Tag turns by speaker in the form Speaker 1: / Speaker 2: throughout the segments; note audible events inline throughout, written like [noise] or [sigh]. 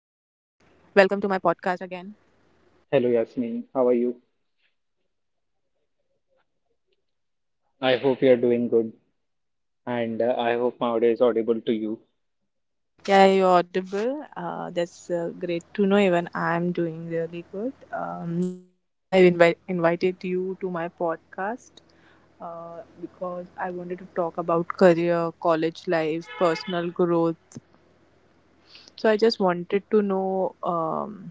Speaker 1: Welcome to my podcast again.
Speaker 2: Hello, Yasmin. How are you? I hope you're doing good, and I hope my audio is audible to you.
Speaker 1: Yeah, you're audible. That's great to know. Even I'm doing really good. So I have invited you to my podcast because I wanted to talk about career, college life, personal growth. So I just wanted to know,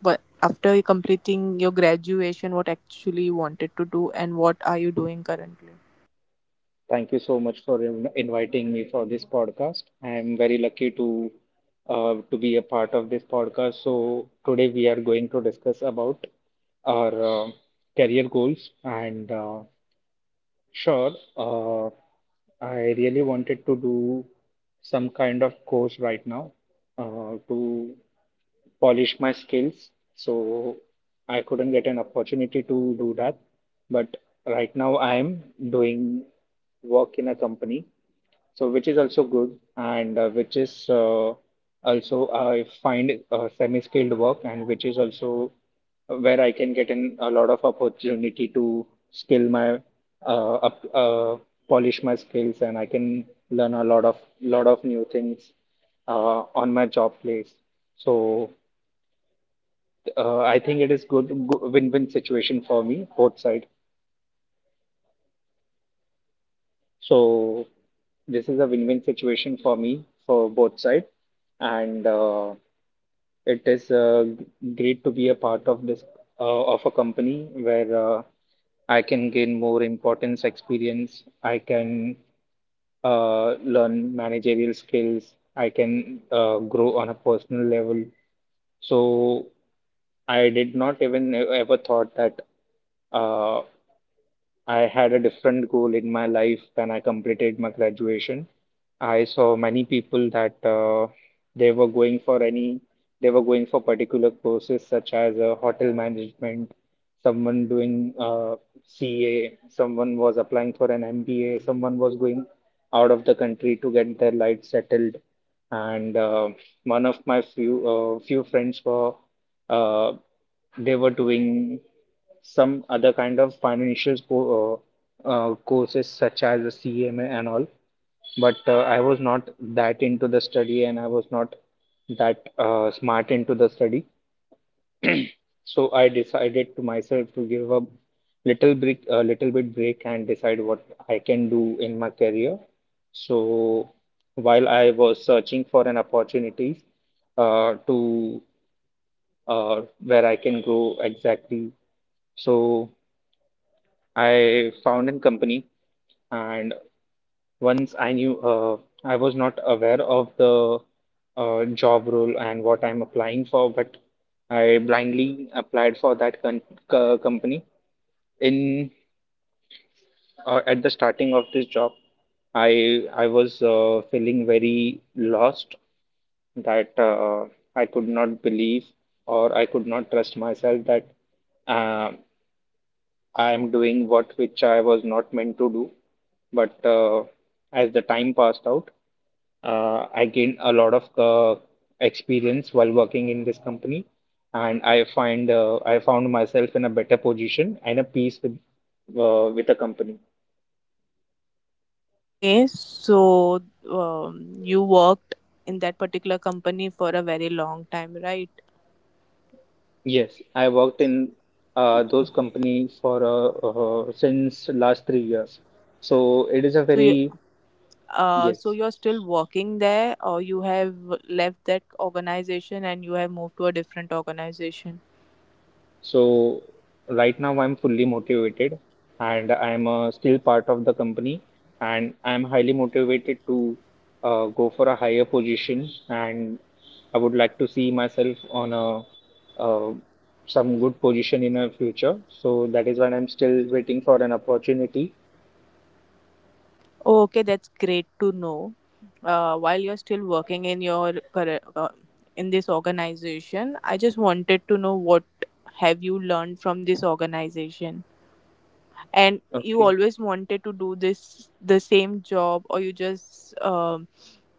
Speaker 1: but after completing your graduation, what actually you wanted to do and what are you doing currently?
Speaker 2: Thank you so much for inviting me for this podcast. I am very lucky to be a part of this podcast. So today we are going to discuss about our career goals and Sure, I really wanted to do some kind of course right now to polish my skills. So I couldn't get an opportunity to do that. But right now I am doing work in a company, so which is also good, and which is also I find semi-skilled work, and which is also where I can get in a lot of opportunity to skill my uh, up, uh, polish my skills, and I can learn a lot of new things on my job place. So I think it is good, good win-win situation for me both side. So this is a win-win situation for me for both sides, and it is great to be a part of this of a company where I can gain more importance, experience. I can learn managerial skills. I can grow on a personal level. So I did not even ever thought that. Uh, I had a different goal in my life when I completed my graduation. I saw many people that they were going for they were going for particular courses such as hotel management, someone doing CA, someone was applying for an MBA, someone was going out of the country to get their life settled. And one of my few friends were uh, they were doing some other kind of financial courses such as a CMA and all. But I was not that into the study, and I was not that smart into the study. So I decided to myself to give a a little bit break and decide what I can do in my career. So while I was searching for an opportunity to where I can grow exactly, so I found a company, and once I knew I was not aware of the job role and what I'm applying for, but I blindly applied for that company. In at the starting of this job, I was feeling very lost that I could not believe or I could not trust myself that. Uh, I'm doing what which I was not meant to do. But as the time passed out, I gained a lot of experience while working in this company, and I found myself in a better position and a peace with the company.
Speaker 1: Okay, so you worked in that particular company for a very long time, right?
Speaker 2: Yes, I worked in those companies for since last 3 years. So it is a
Speaker 1: So you,
Speaker 2: very
Speaker 1: so
Speaker 2: yes.
Speaker 1: you're still working there, or you have left that organization and you have moved to a different organization?
Speaker 2: So right now I'm fully motivated, and I'm still part of the company, and I'm highly motivated to go for a higher position, and I would like to see myself on a uh, some good position in a future. So that is why I'm still waiting for an opportunity.
Speaker 1: Oh, okay, that's great to know. While you're still working in your current, in this organization, I just wanted to know what have you learned from this organization? And you
Speaker 2: Okay.
Speaker 1: always wanted to do this the same job, or you just um,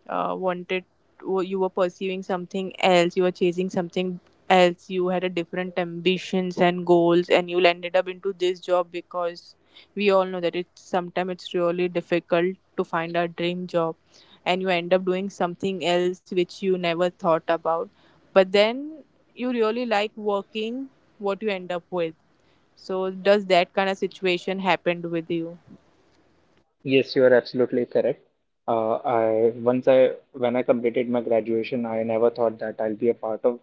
Speaker 1: uh, wanted you were pursuing something else, you were chasing something else, you had a different ambitions and goals, and you landed up into this job? Because we all know that it's sometimes it's really difficult to find a dream job, and you end up doing something else which you never thought about, but then you really like working what you end up with. So, does that kind of situation happened with you?
Speaker 2: Yes, you are absolutely correct. I when I completed my graduation, I never thought that I'll be a part of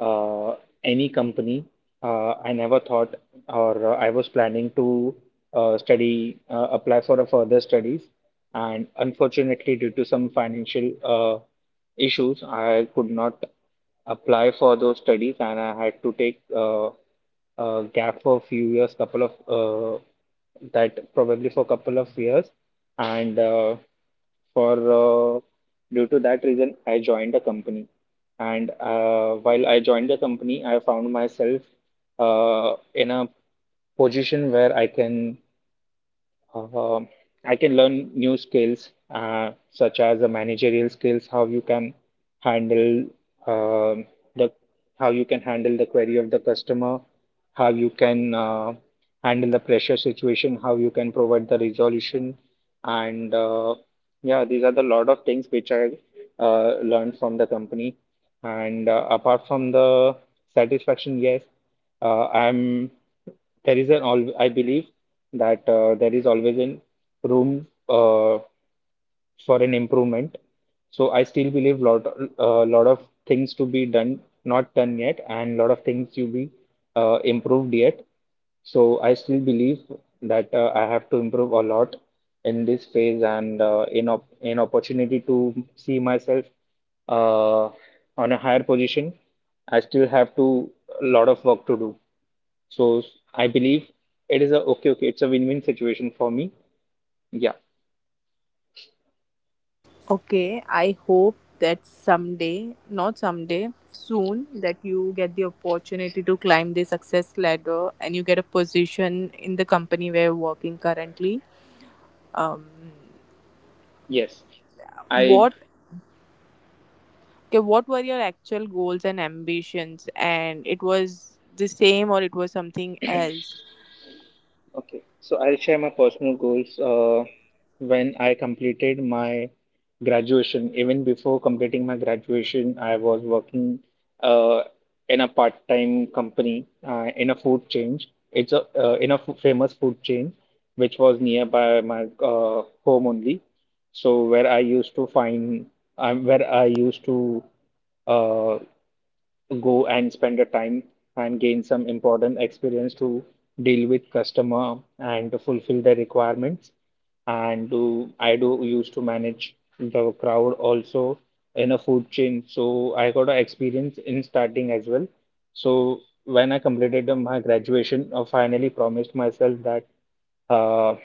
Speaker 2: uh, any company. I never thought, or I was planning to apply for a further studies, and unfortunately, due to some financial issues, I could not apply for those studies, and I had to take gap for a few years, couple of that probably for a couple of years, and for due to that reason, I joined a company. And while I joined the company, I found myself in a position where uh, I can learn new skills, such as the managerial skills, how you can handle um the how you can handle the query of the customer, how you can handle the pressure situation, how you can provide the resolution, and yeah, these are the lot of things which I learned from the company. And apart from the satisfaction, yes, uh, I'm I believe that there is always an room for an improvement. So I still believe lot a lot of things to be done, not done yet, and lot of things to be improved yet. So I still believe that I have to improve a lot in this phase, and in opportunity to see myself uh, on a higher position. I still have to a lot of work to do. So I believe it is a it's a win-win situation for me. Yeah,
Speaker 1: Okay, I hope that someday, not someday, soon, that you get the opportunity to climb the success ladder and you get a position in the company where you're working currently. Um,
Speaker 2: yes. I
Speaker 1: what okay, what were your actual goals and ambitions? And it was the same, or it was something else?
Speaker 2: Okay, so I'll share my personal goals. When I completed my graduation, even before completing my graduation, I was working uh, in a part-time company in a food chain. It's a famous food chain which was nearby my home only. So where I used to find, where I used to uh, go and spend the time and gain some important experience to deal with customer and to fulfill their requirements, and do I do used to manage the crowd also in a food chain. So I got a experience in starting as well. So when I completed my graduation, I finally promised myself that uh,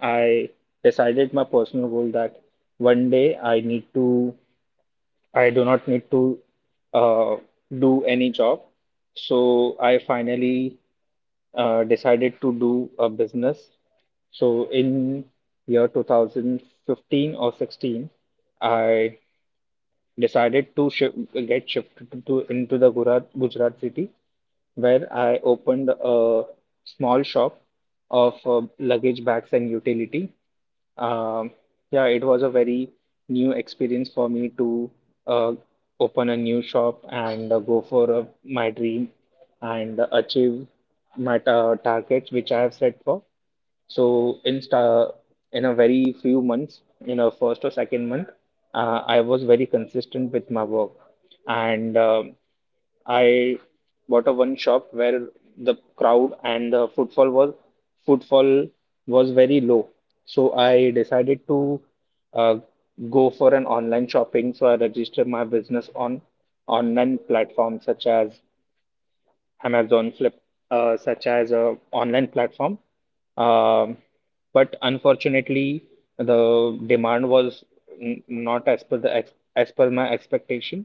Speaker 2: I decided my personal goal that one day I need to I do not need to uh, do any job. So I finally decided to do a business. So in year 2015 or 16, I decided to shif get shifted to- into the Gujarat, Gujarat city, where I opened a small shop of luggage bags and utility. Um, yeah, it was a very new experience for me to uh, open a new shop, and go for my dream, and achieve my ta targets which I have set for. So in a very few months, in a first or second month, I was very consistent with my work, and I bought a one shop where the crowd and the footfall was very low. So I decided to uh, go for an online shopping. So I registered my business on online platforms such as Amazon Flip, such as a online platform. Um, but unfortunately, the demand was not as per the ex as per my expectation.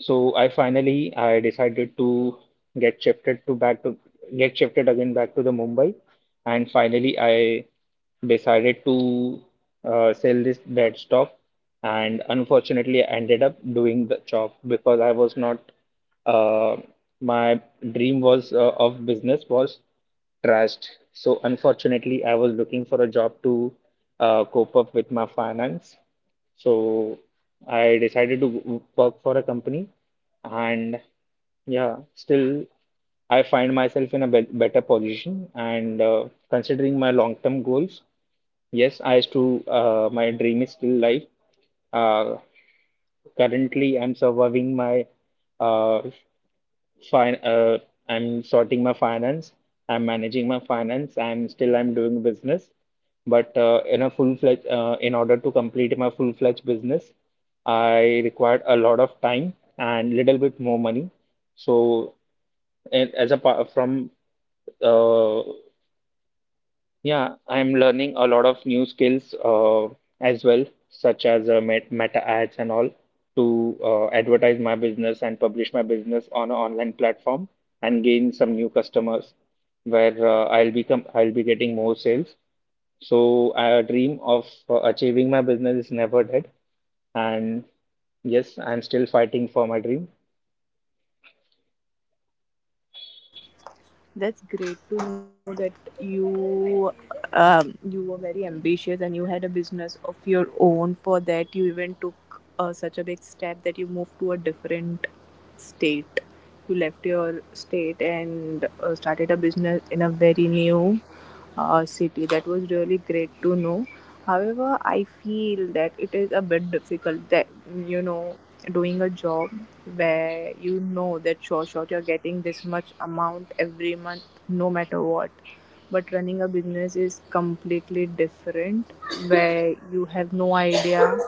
Speaker 2: So I decided to get shifted to back to get shifted again back to the Mumbai, and finally I decided to sell this dead stock, and unfortunately I ended up doing the job because I was not uh, my dream was of business was trashed. So unfortunately, I was looking for a job to cope up with my finance. So I decided to work for a company, and yeah, still I find myself in a better position. And considering my long-term goals, yes, I still my dream is still life. Uh, currently, I'm surviving my uh, Fine, uh, I'm sorting my finance. I'm managing my finance. I'm doing business, but in a full-fledged in order to complete my full-fledged business, I required a lot of time and little bit more money. So, and as a pa- from uh, yeah, I'm learning a lot of new skills as well, such as meta ads and all, to advertise my business and publish my business on an online platform and gain some new customers where I'll be getting more sales. So a dream of achieving my business is never dead, and yes, I'm still fighting for my dream.
Speaker 1: That's great to know that you you were very ambitious and you had a business of your own. For that, you even took such a big step that you moved to a different state. You left your state and started a business in a very new city. That was really great to know. However, I feel that it is a bit difficult that, you know, doing a job where you know that sure shot you're getting this much amount every month no matter what, but running a business is completely different, where you have no idea.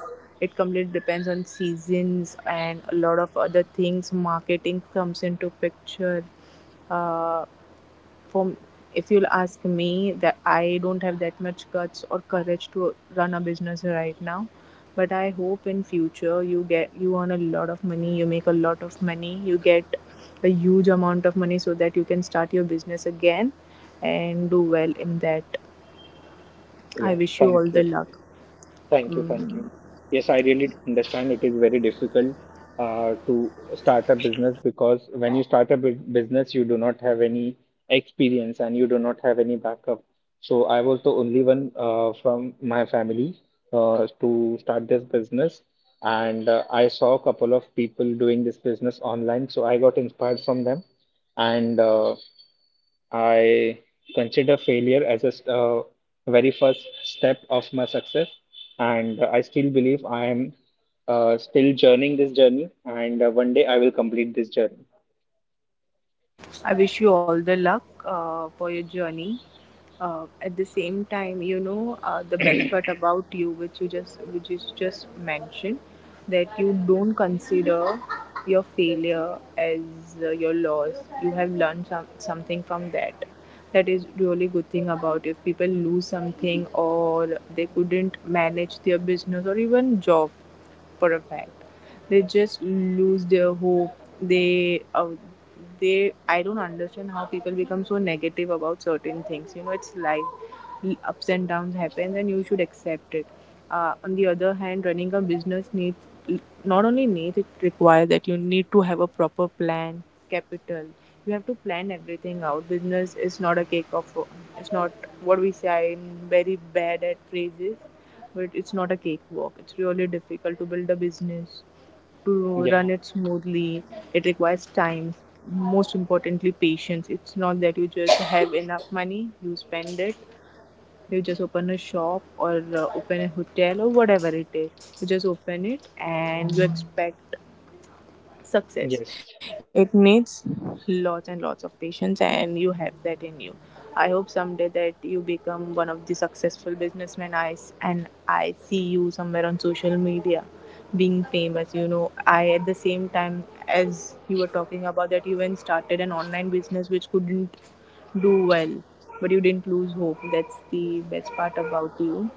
Speaker 1: It completely depends on seasons and a lot of other things, marketing comes into picture. Uh, for If you'll ask me, that I don't have that much guts or courage to run a business right now, but I hope in future you get, you earn a lot of money, you make a lot of money, you get a huge amount of money so that you can start your business again and do well in that. I
Speaker 2: Yeah,
Speaker 1: wish you all
Speaker 2: thank you.
Speaker 1: the luck.
Speaker 2: Thank you, thank you. Yes, I really do understand it is very difficult to start a business, because when you start a business, you do not have any experience and you do not have any backup. So I was the only one from my family to start this business. And I saw a couple of people doing this business online. So I got inspired from them. And I consider failure as a very first step of my success. And I still believe I am still journeying this journey. And one day I will complete this journey.
Speaker 1: I wish you all the luck for your journey. At the same time, you know, the best part about you, which you just, which is just mentioned, that you don't consider your failure as your loss. You have learned something from that. That is really good thing about if people lose something or they couldn't manage their business or even job, for a fact, they just lose their hope. They uh, they I don't understand how people become so negative about certain things. You know, it's life. Ups and downs happen and you should accept it. On the other hand, running a business needs, not only needs, it requires that you need to have a proper plan, capital. You have to plan everything out. Business is not a cake of, it's not, what we say, I'm very bad at phrases, but it's not a cakewalk. It's really difficult to build a business, to
Speaker 2: Yeah.
Speaker 1: run it smoothly. It requires time, most importantly, patience. It's not that you just have enough money, you spend it. You just open a shop or open a hotel or whatever it is. You just open it and you expect success.
Speaker 2: Yes.
Speaker 1: It needs lots and lots of patience, and you have that in you. I hope someday that you become one of the successful businessmen. And I see you somewhere on social media being famous. You know, I, at the same time, as you were talking about that, you even started an online business which couldn't do well, but you didn't lose hope. That's the best part about you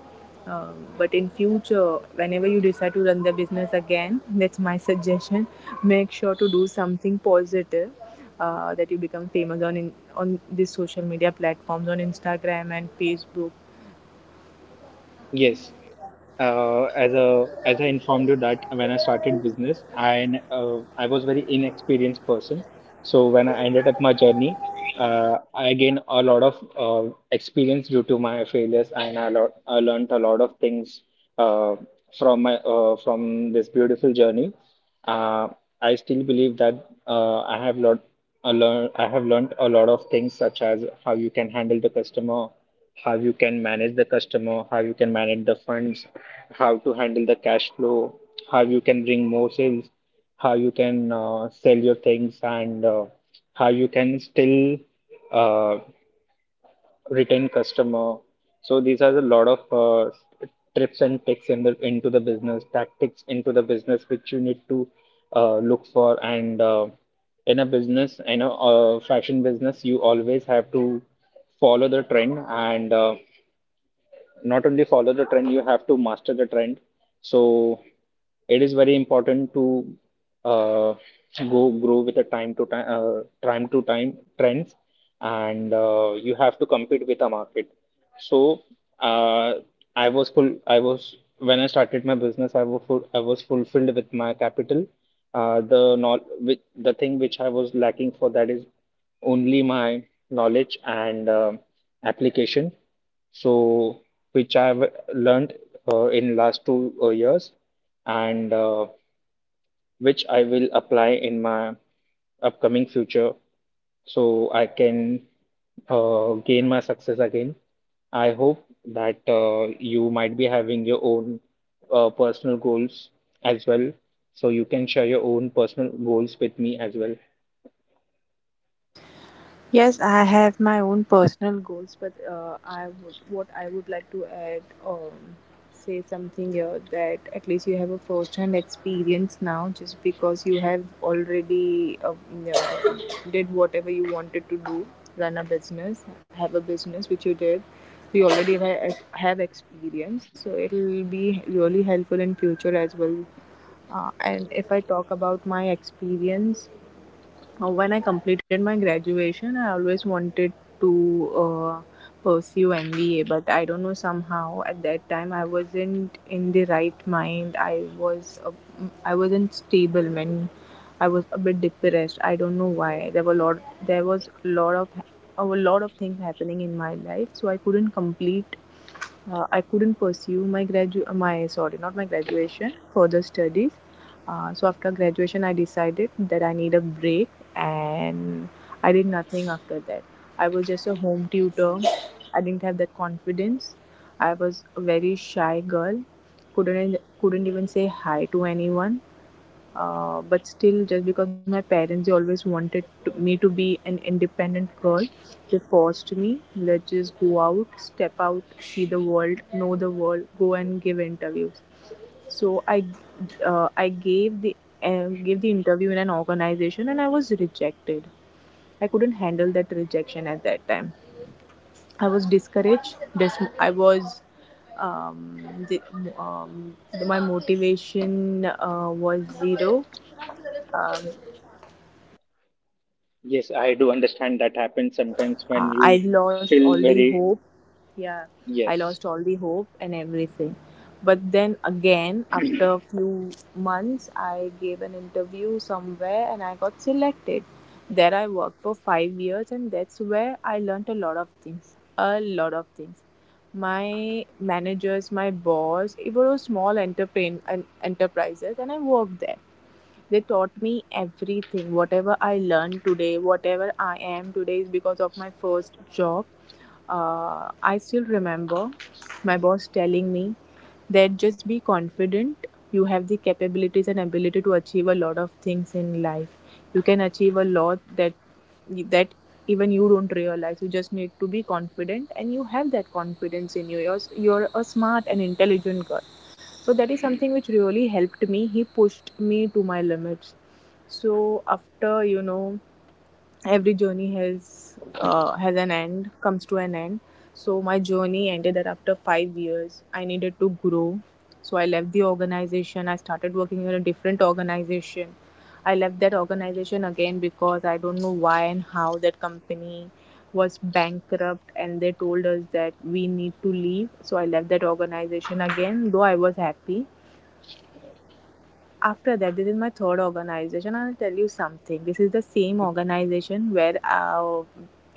Speaker 1: um, But in future, whenever you decide to run the business again, that's my suggestion. Make sure to do something positive. That you become famous on, in, on these social media platforms, on Instagram and Facebook.
Speaker 2: Yes. As I informed you that when I started business, I was very inexperienced person. So when I ended up my journey, I gained a lot of experience due to my failures, and I learned a lot of things uh, from my from this beautiful journey. Uh, I still believe that I have lot. I learn I have learned a lot of things, such as how you can handle the customer, how you can manage the customer, how you can manage the funds, how to handle the cash flow, how you can bring more sales, how you can sell your things, and how you can still uh, retain customer. So these are a lot of trips and tricks into the business, tactics into the business, which you need to look for. And in a business, in a fashion business, you always have to follow the trend, and not only follow the trend, you have to master the trend. So it is very important to uh, go grow with the time to time trends, and you have to compete with the market. So uh, I was full. I was when I started my business, I was I was fulfilled with my capital. The not with the thing which I was lacking for, that is only my knowledge and application. So which I've learned in last two years, and which I will apply in my upcoming future, so I can gain my success again. I hope that you might be having your own personal goals as well. So you can share your own personal goals with me as well.
Speaker 1: Yes, I have my own personal goals, but I would, what I would like to add, say something here, that at least you have a first-hand experience now, just because you have already you know, did whatever you wanted to do, run a business, have a business which you did. So you already have experience, so it'll be really helpful in future as well. And if I talk about my experience, when I completed my graduation, I always wanted to pursue MBA, but I don't know, somehow at that time I wasn't in the right mind. I wasn't stable. When I was a bit depressed. I don't know why. There were lot there was a lot of things happening in my life, so I couldn't complete, I couldn't pursue my gradu my, sorry, not my graduation, further studies. So after graduation, I decided that I need a break, and I did nothing after that. I was just a home tutor. I didn't have that confidence. I was a very shy girl. Couldn't even say hi to anyone. But still, just because my parents, they always wanted to, me to be an independent girl, they forced me. Let's just go out, step out, see the world, know the world, go and give interviews. So I gave the interview in an organization, and I was rejected. I couldn't handle that rejection at that time. I was discouraged. Um, the, um, my motivation was zero. um,
Speaker 2: Yes, I do understand, that happens sometimes when you
Speaker 1: I lost
Speaker 2: feel
Speaker 1: all the
Speaker 2: very,
Speaker 1: hope. Yeah, I
Speaker 2: yes.
Speaker 1: lost all the hope and everything. But then again, after a few months, I gave an interview somewhere and I got selected. There I worked for 5 years, and that's where I learnt a lot of things. A lot of things. My managers, my boss, it was enterprises, and I worked there. They taught me everything. Whatever I learned today, whatever I am today is because of my first job. I still remember my boss telling me that just be confident. You have the capabilities and ability to achieve a lot of things in life. You can achieve a lot that that even you don't realize. You just need to be confident and you have that confidence in you. You're a smart and intelligent girl. So that is something which really helped me. He pushed me to my limits. So, after you know, every journey has an end, comes to an end. So my journey ended that after 5 years, I needed to grow. So I left the organization. I started working in a different organization. I left that organization again because I don't know why and how that company was bankrupt and they told us that we need to leave. So I left that organization again, though I was happy. After that, this is my third organization. I'll tell you something, this is the same organization where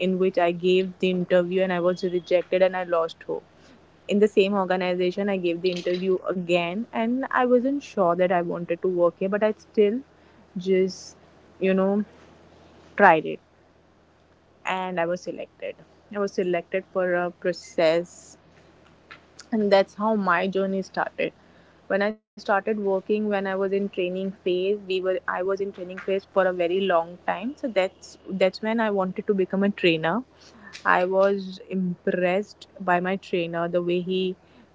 Speaker 1: in which I gave the interview and I was rejected and I lost hope. In the same organization, I gave the interview again and I wasn't sure that I wanted to work here, but I still, just, you know, tried it, and I was selected. I was selected for a process, and that's how my journey started. When I started working, when I was in training phase, we were I was in training phase for a very long time. So that's when I wanted to become a trainer. I was impressed by my trainer, the way he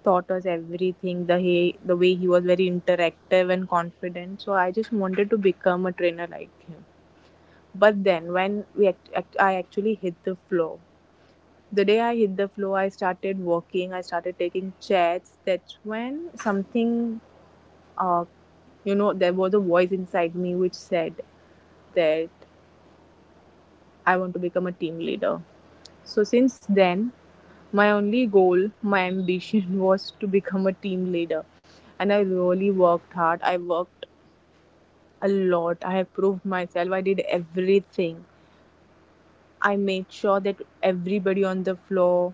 Speaker 1: taught us everything, the way he was very interactive and confident. So I just wanted to become a trainer like him. But then, when I actually hit the floor, the day I hit the floor, I started walking, I started taking chats. That's when something, uh, you know, there was a voice inside me which said that I want to become a team leader. So since then, my only goal, my ambition [laughs] was to become a team leader. And I really worked hard. I worked a lot. I have proved myself. I did everything. I made sure that everybody on the floor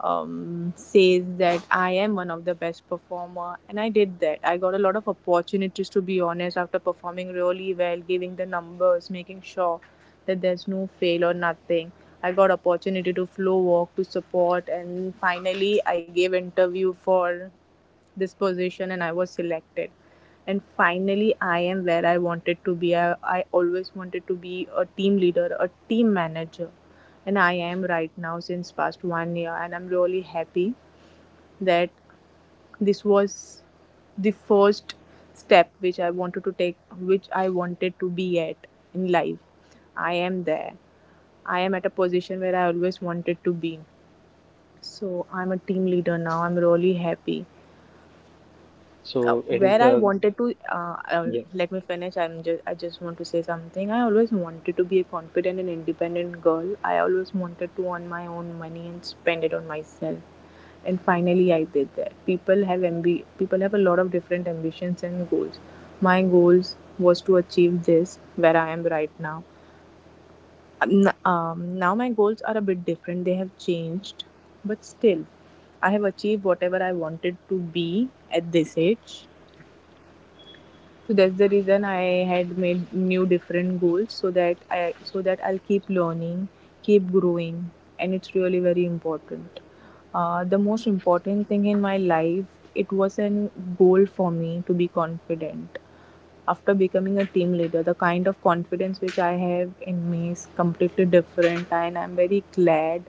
Speaker 1: says that I am one of the best performer, and I did that. I got a lot of opportunities to be honest, after performing really well, giving the numbers, making sure that there's no fail or nothing. I got opportunity to flow walk to support, and finally I gave interview for this position and I was selected. And finally, I am where I wanted to be. I always wanted to be a team leader, a team manager. And I am right now since past 1 year. And I'm really happy that this was the first step which I wanted to take, which I wanted to be at in life. I am there. I am at a position where I always wanted to be. So I'm a team leader now. I'm really happy. uh,
Speaker 2: So it is
Speaker 1: where I
Speaker 2: the,
Speaker 1: wanted to
Speaker 2: yes.
Speaker 1: let me finish. I just want to say something. I always wanted to be a confident and independent girl. I always wanted to earn my own money and spend it on myself. And finally, I did that. People have a lot of different ambitions and goals. My goals was to achieve this where I am right now. Now my goals are a bit different. They have changed, but still, I have achieved whatever I wanted to be at this age, so that's the reason I had made new different goals, so that I'll keep learning, keep growing, and it's really very important. The most important thing in my life, it was an goal for me to be confident. After becoming a team leader, the kind of confidence which I have in me is completely different, and I'm very glad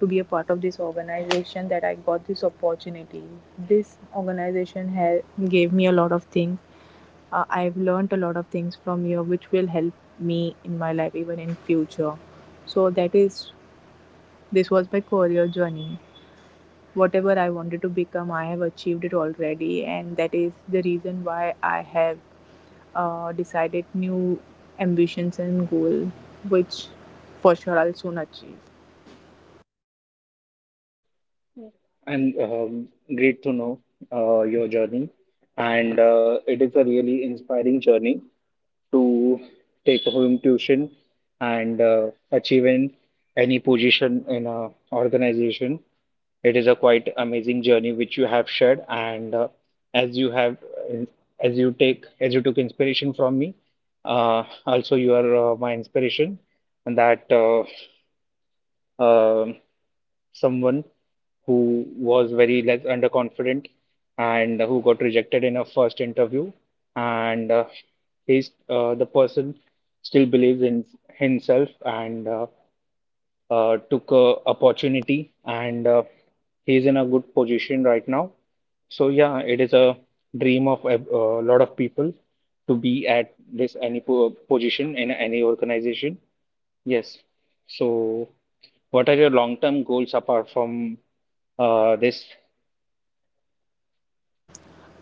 Speaker 1: to be a part of this organization that I got this opportunity. This organization has gave me a lot of things. I've learned a lot of things from you which will help me in my life even in future, so that is, this was my career journey. Whatever I wanted to become, I have achieved it already, and that is the reason why I have decided new ambitions and goal, which for sure I'll soon achieve.
Speaker 2: I'm great to know your journey, and it is a really inspiring journey to take home tuition and achieve in any position in a organization. It is a quite amazing journey which you have shared, and as you have, as you took inspiration from me, also you are my inspiration, and that. Um Someone who was very less underconfident and who got rejected in a first interview, and he's the person still believes in himself, and took a opportunity, and he's in a good position right now. So yeah, it is a dream of a lot of people to be at this position in any organization. Yes. So, what are your long-term goals apart from this?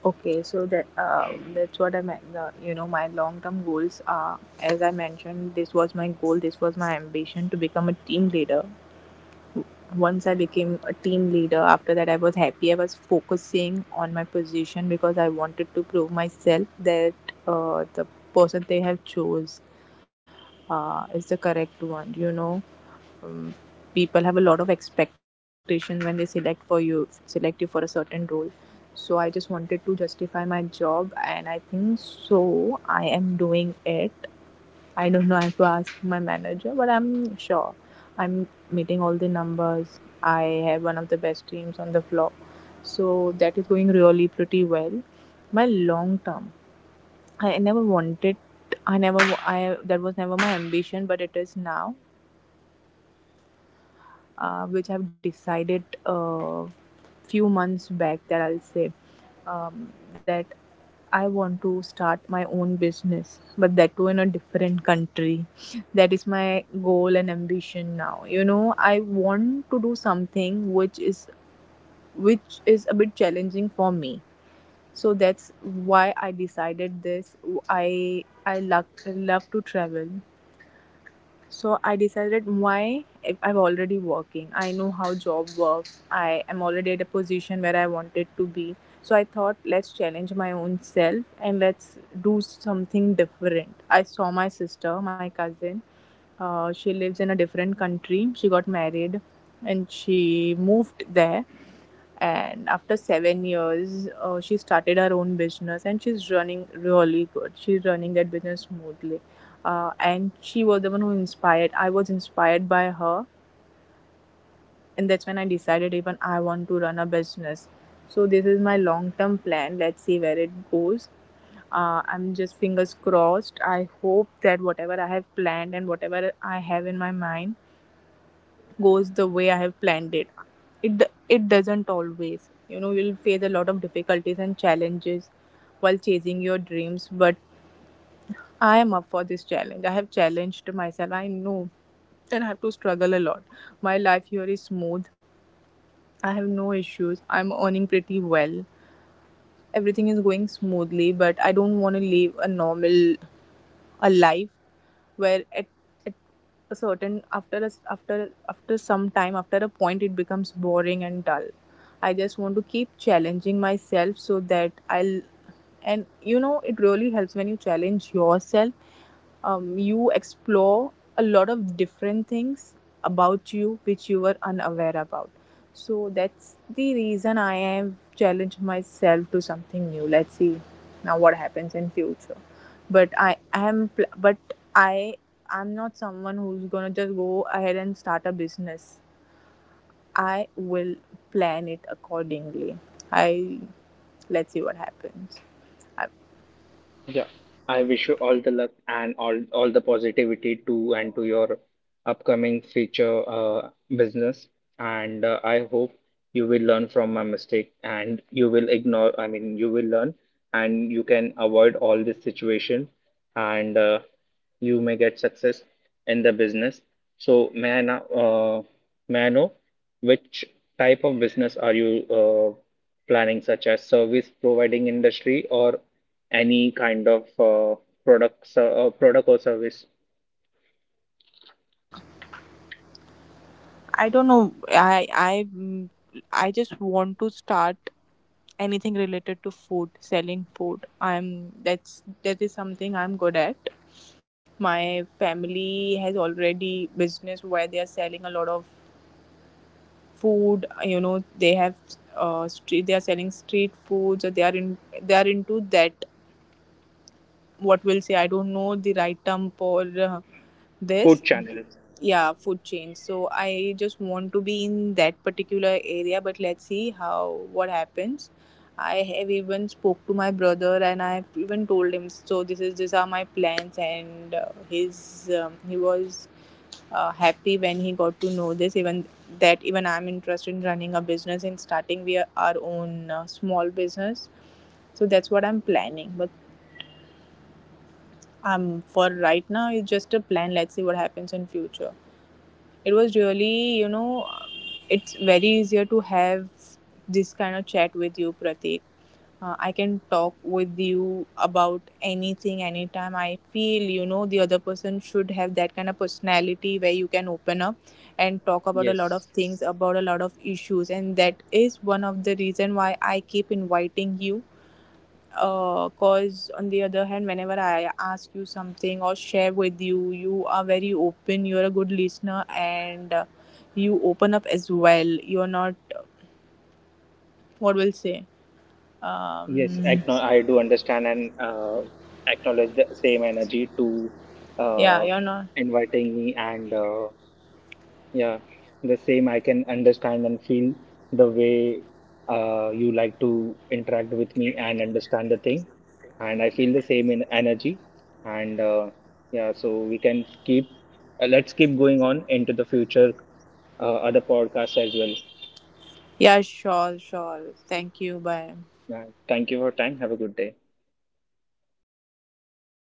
Speaker 1: Okay, so that's what I meant. You know, my long-term goals are, as I mentioned, this was my goal, this was my ambition, to become a team leader. Once I became a team leader, after that I was happy. I was focusing on my position because I wanted to prove myself that the person they have chose is the correct one. You know, um, people have a lot of expectation when they select for you, select you for a certain role. So I just wanted to justify my job, and I think so. I am doing it. I don't know. I have to ask my manager, but I'm sure I'm meeting all the numbers. I have one of the best teams on the floor, so that is going really pretty well. My long term, I never wanted. I never. I That was never my ambition, but it is now, which I've decided a few months back, that I'll say that I want to start my own business, but that too in a different country. That is my goal and ambition now. You know, I want to do something which is, which is a bit challenging for me. So that's why I decided this. I love to travel, so I decided, why, if I'm already working, I know how job works, I am already at a position where I wanted to be. So I thought, let's challenge my own self and let's do something different. I saw my sister, my cousin, she lives in a different country, she got married and she moved there, and after 7 years she started her own business and she's running really good, she's running that business smoothly. And she was the one who inspired, I was inspired by her, and that's when I decided, even I want to run a business. So this is my long term plan, let's see where it goes. I'm just fingers crossed, I hope that whatever I have planned and whatever I have in my mind goes the way I have planned it. It doesn't always. You know, you'll face a lot of difficulties and challenges while chasing your dreams, but I am up for this challenge. I have challenged myself. I know that I have to struggle a lot. My life here is smooth. I have no issues. I'm earning pretty well. Everything is going smoothly, but I don't want to live a normal, a life where at a certain, after some time, after a point, it becomes boring and dull. I just want to keep challenging myself, so that I'll, and you know it really helps when you challenge yourself. You explore a lot of different things about you which you were unaware about. So that's the reason I have challenged myself to something new. Let's see now what happens in future. But I I'm not someone who's gonna just go ahead and start a business. I will plan it accordingly. I, let's see what happens. I,
Speaker 2: Yeah, I wish you all the luck and all the positivity to and to your upcoming future business. And I hope you will learn from my mistake, and you will ignore. You will learn and you can avoid all this situation. And you may get success in the business. So may I now may I know which type of business are you planning, such as service providing industry or any kind of products, product or service?
Speaker 1: I don't know. I just want to start anything related to food, selling food. I'm That's, that is something I'm good at. My family has already business where they are selling a lot of food, you know. They have street they are selling street foods, or they are in, they are into that, what we'll say, I don't know the right term for
Speaker 2: Food
Speaker 1: this.
Speaker 2: channel.
Speaker 1: Yeah, food chain. So I just want to be in that particular area, but let's see how, what happens. I have even spoke to my brother and I have even told him, so this is, these are my plans, and his he was happy when he got to know this, even that even I'm interested in running a business and starting we are our own small business. So that's what I'm planning, but for right now it's just a plan. Let's see what happens in future. It was really, you know, it's very easier to have this kind of chat with you, Pratik. I can talk with you about anything, anytime I feel. You know, the other person should have that kind of personality where you can open up and talk about a lot of
Speaker 2: Yes,
Speaker 1: things, about a lot of issues, and that is one of the reason why I keep inviting you, because on the other hand, whenever I ask you something or share with you, you are very open, you're a good listener, and you open up as well. You're not, what will say, um,
Speaker 2: I do understand and acknowledge the same energy to
Speaker 1: yeah,
Speaker 2: uh,
Speaker 1: you're not.
Speaker 2: inviting me, and yeah, the same. I can understand and feel the way you like to interact with me and understand the thing. And I feel the same in energy. And yeah, so we can keep, let's keep going on into the future, other podcasts as well.
Speaker 1: Yeah, sure, sure. Thank you, bye.
Speaker 2: Yeah, thank you for your time. Have a good day.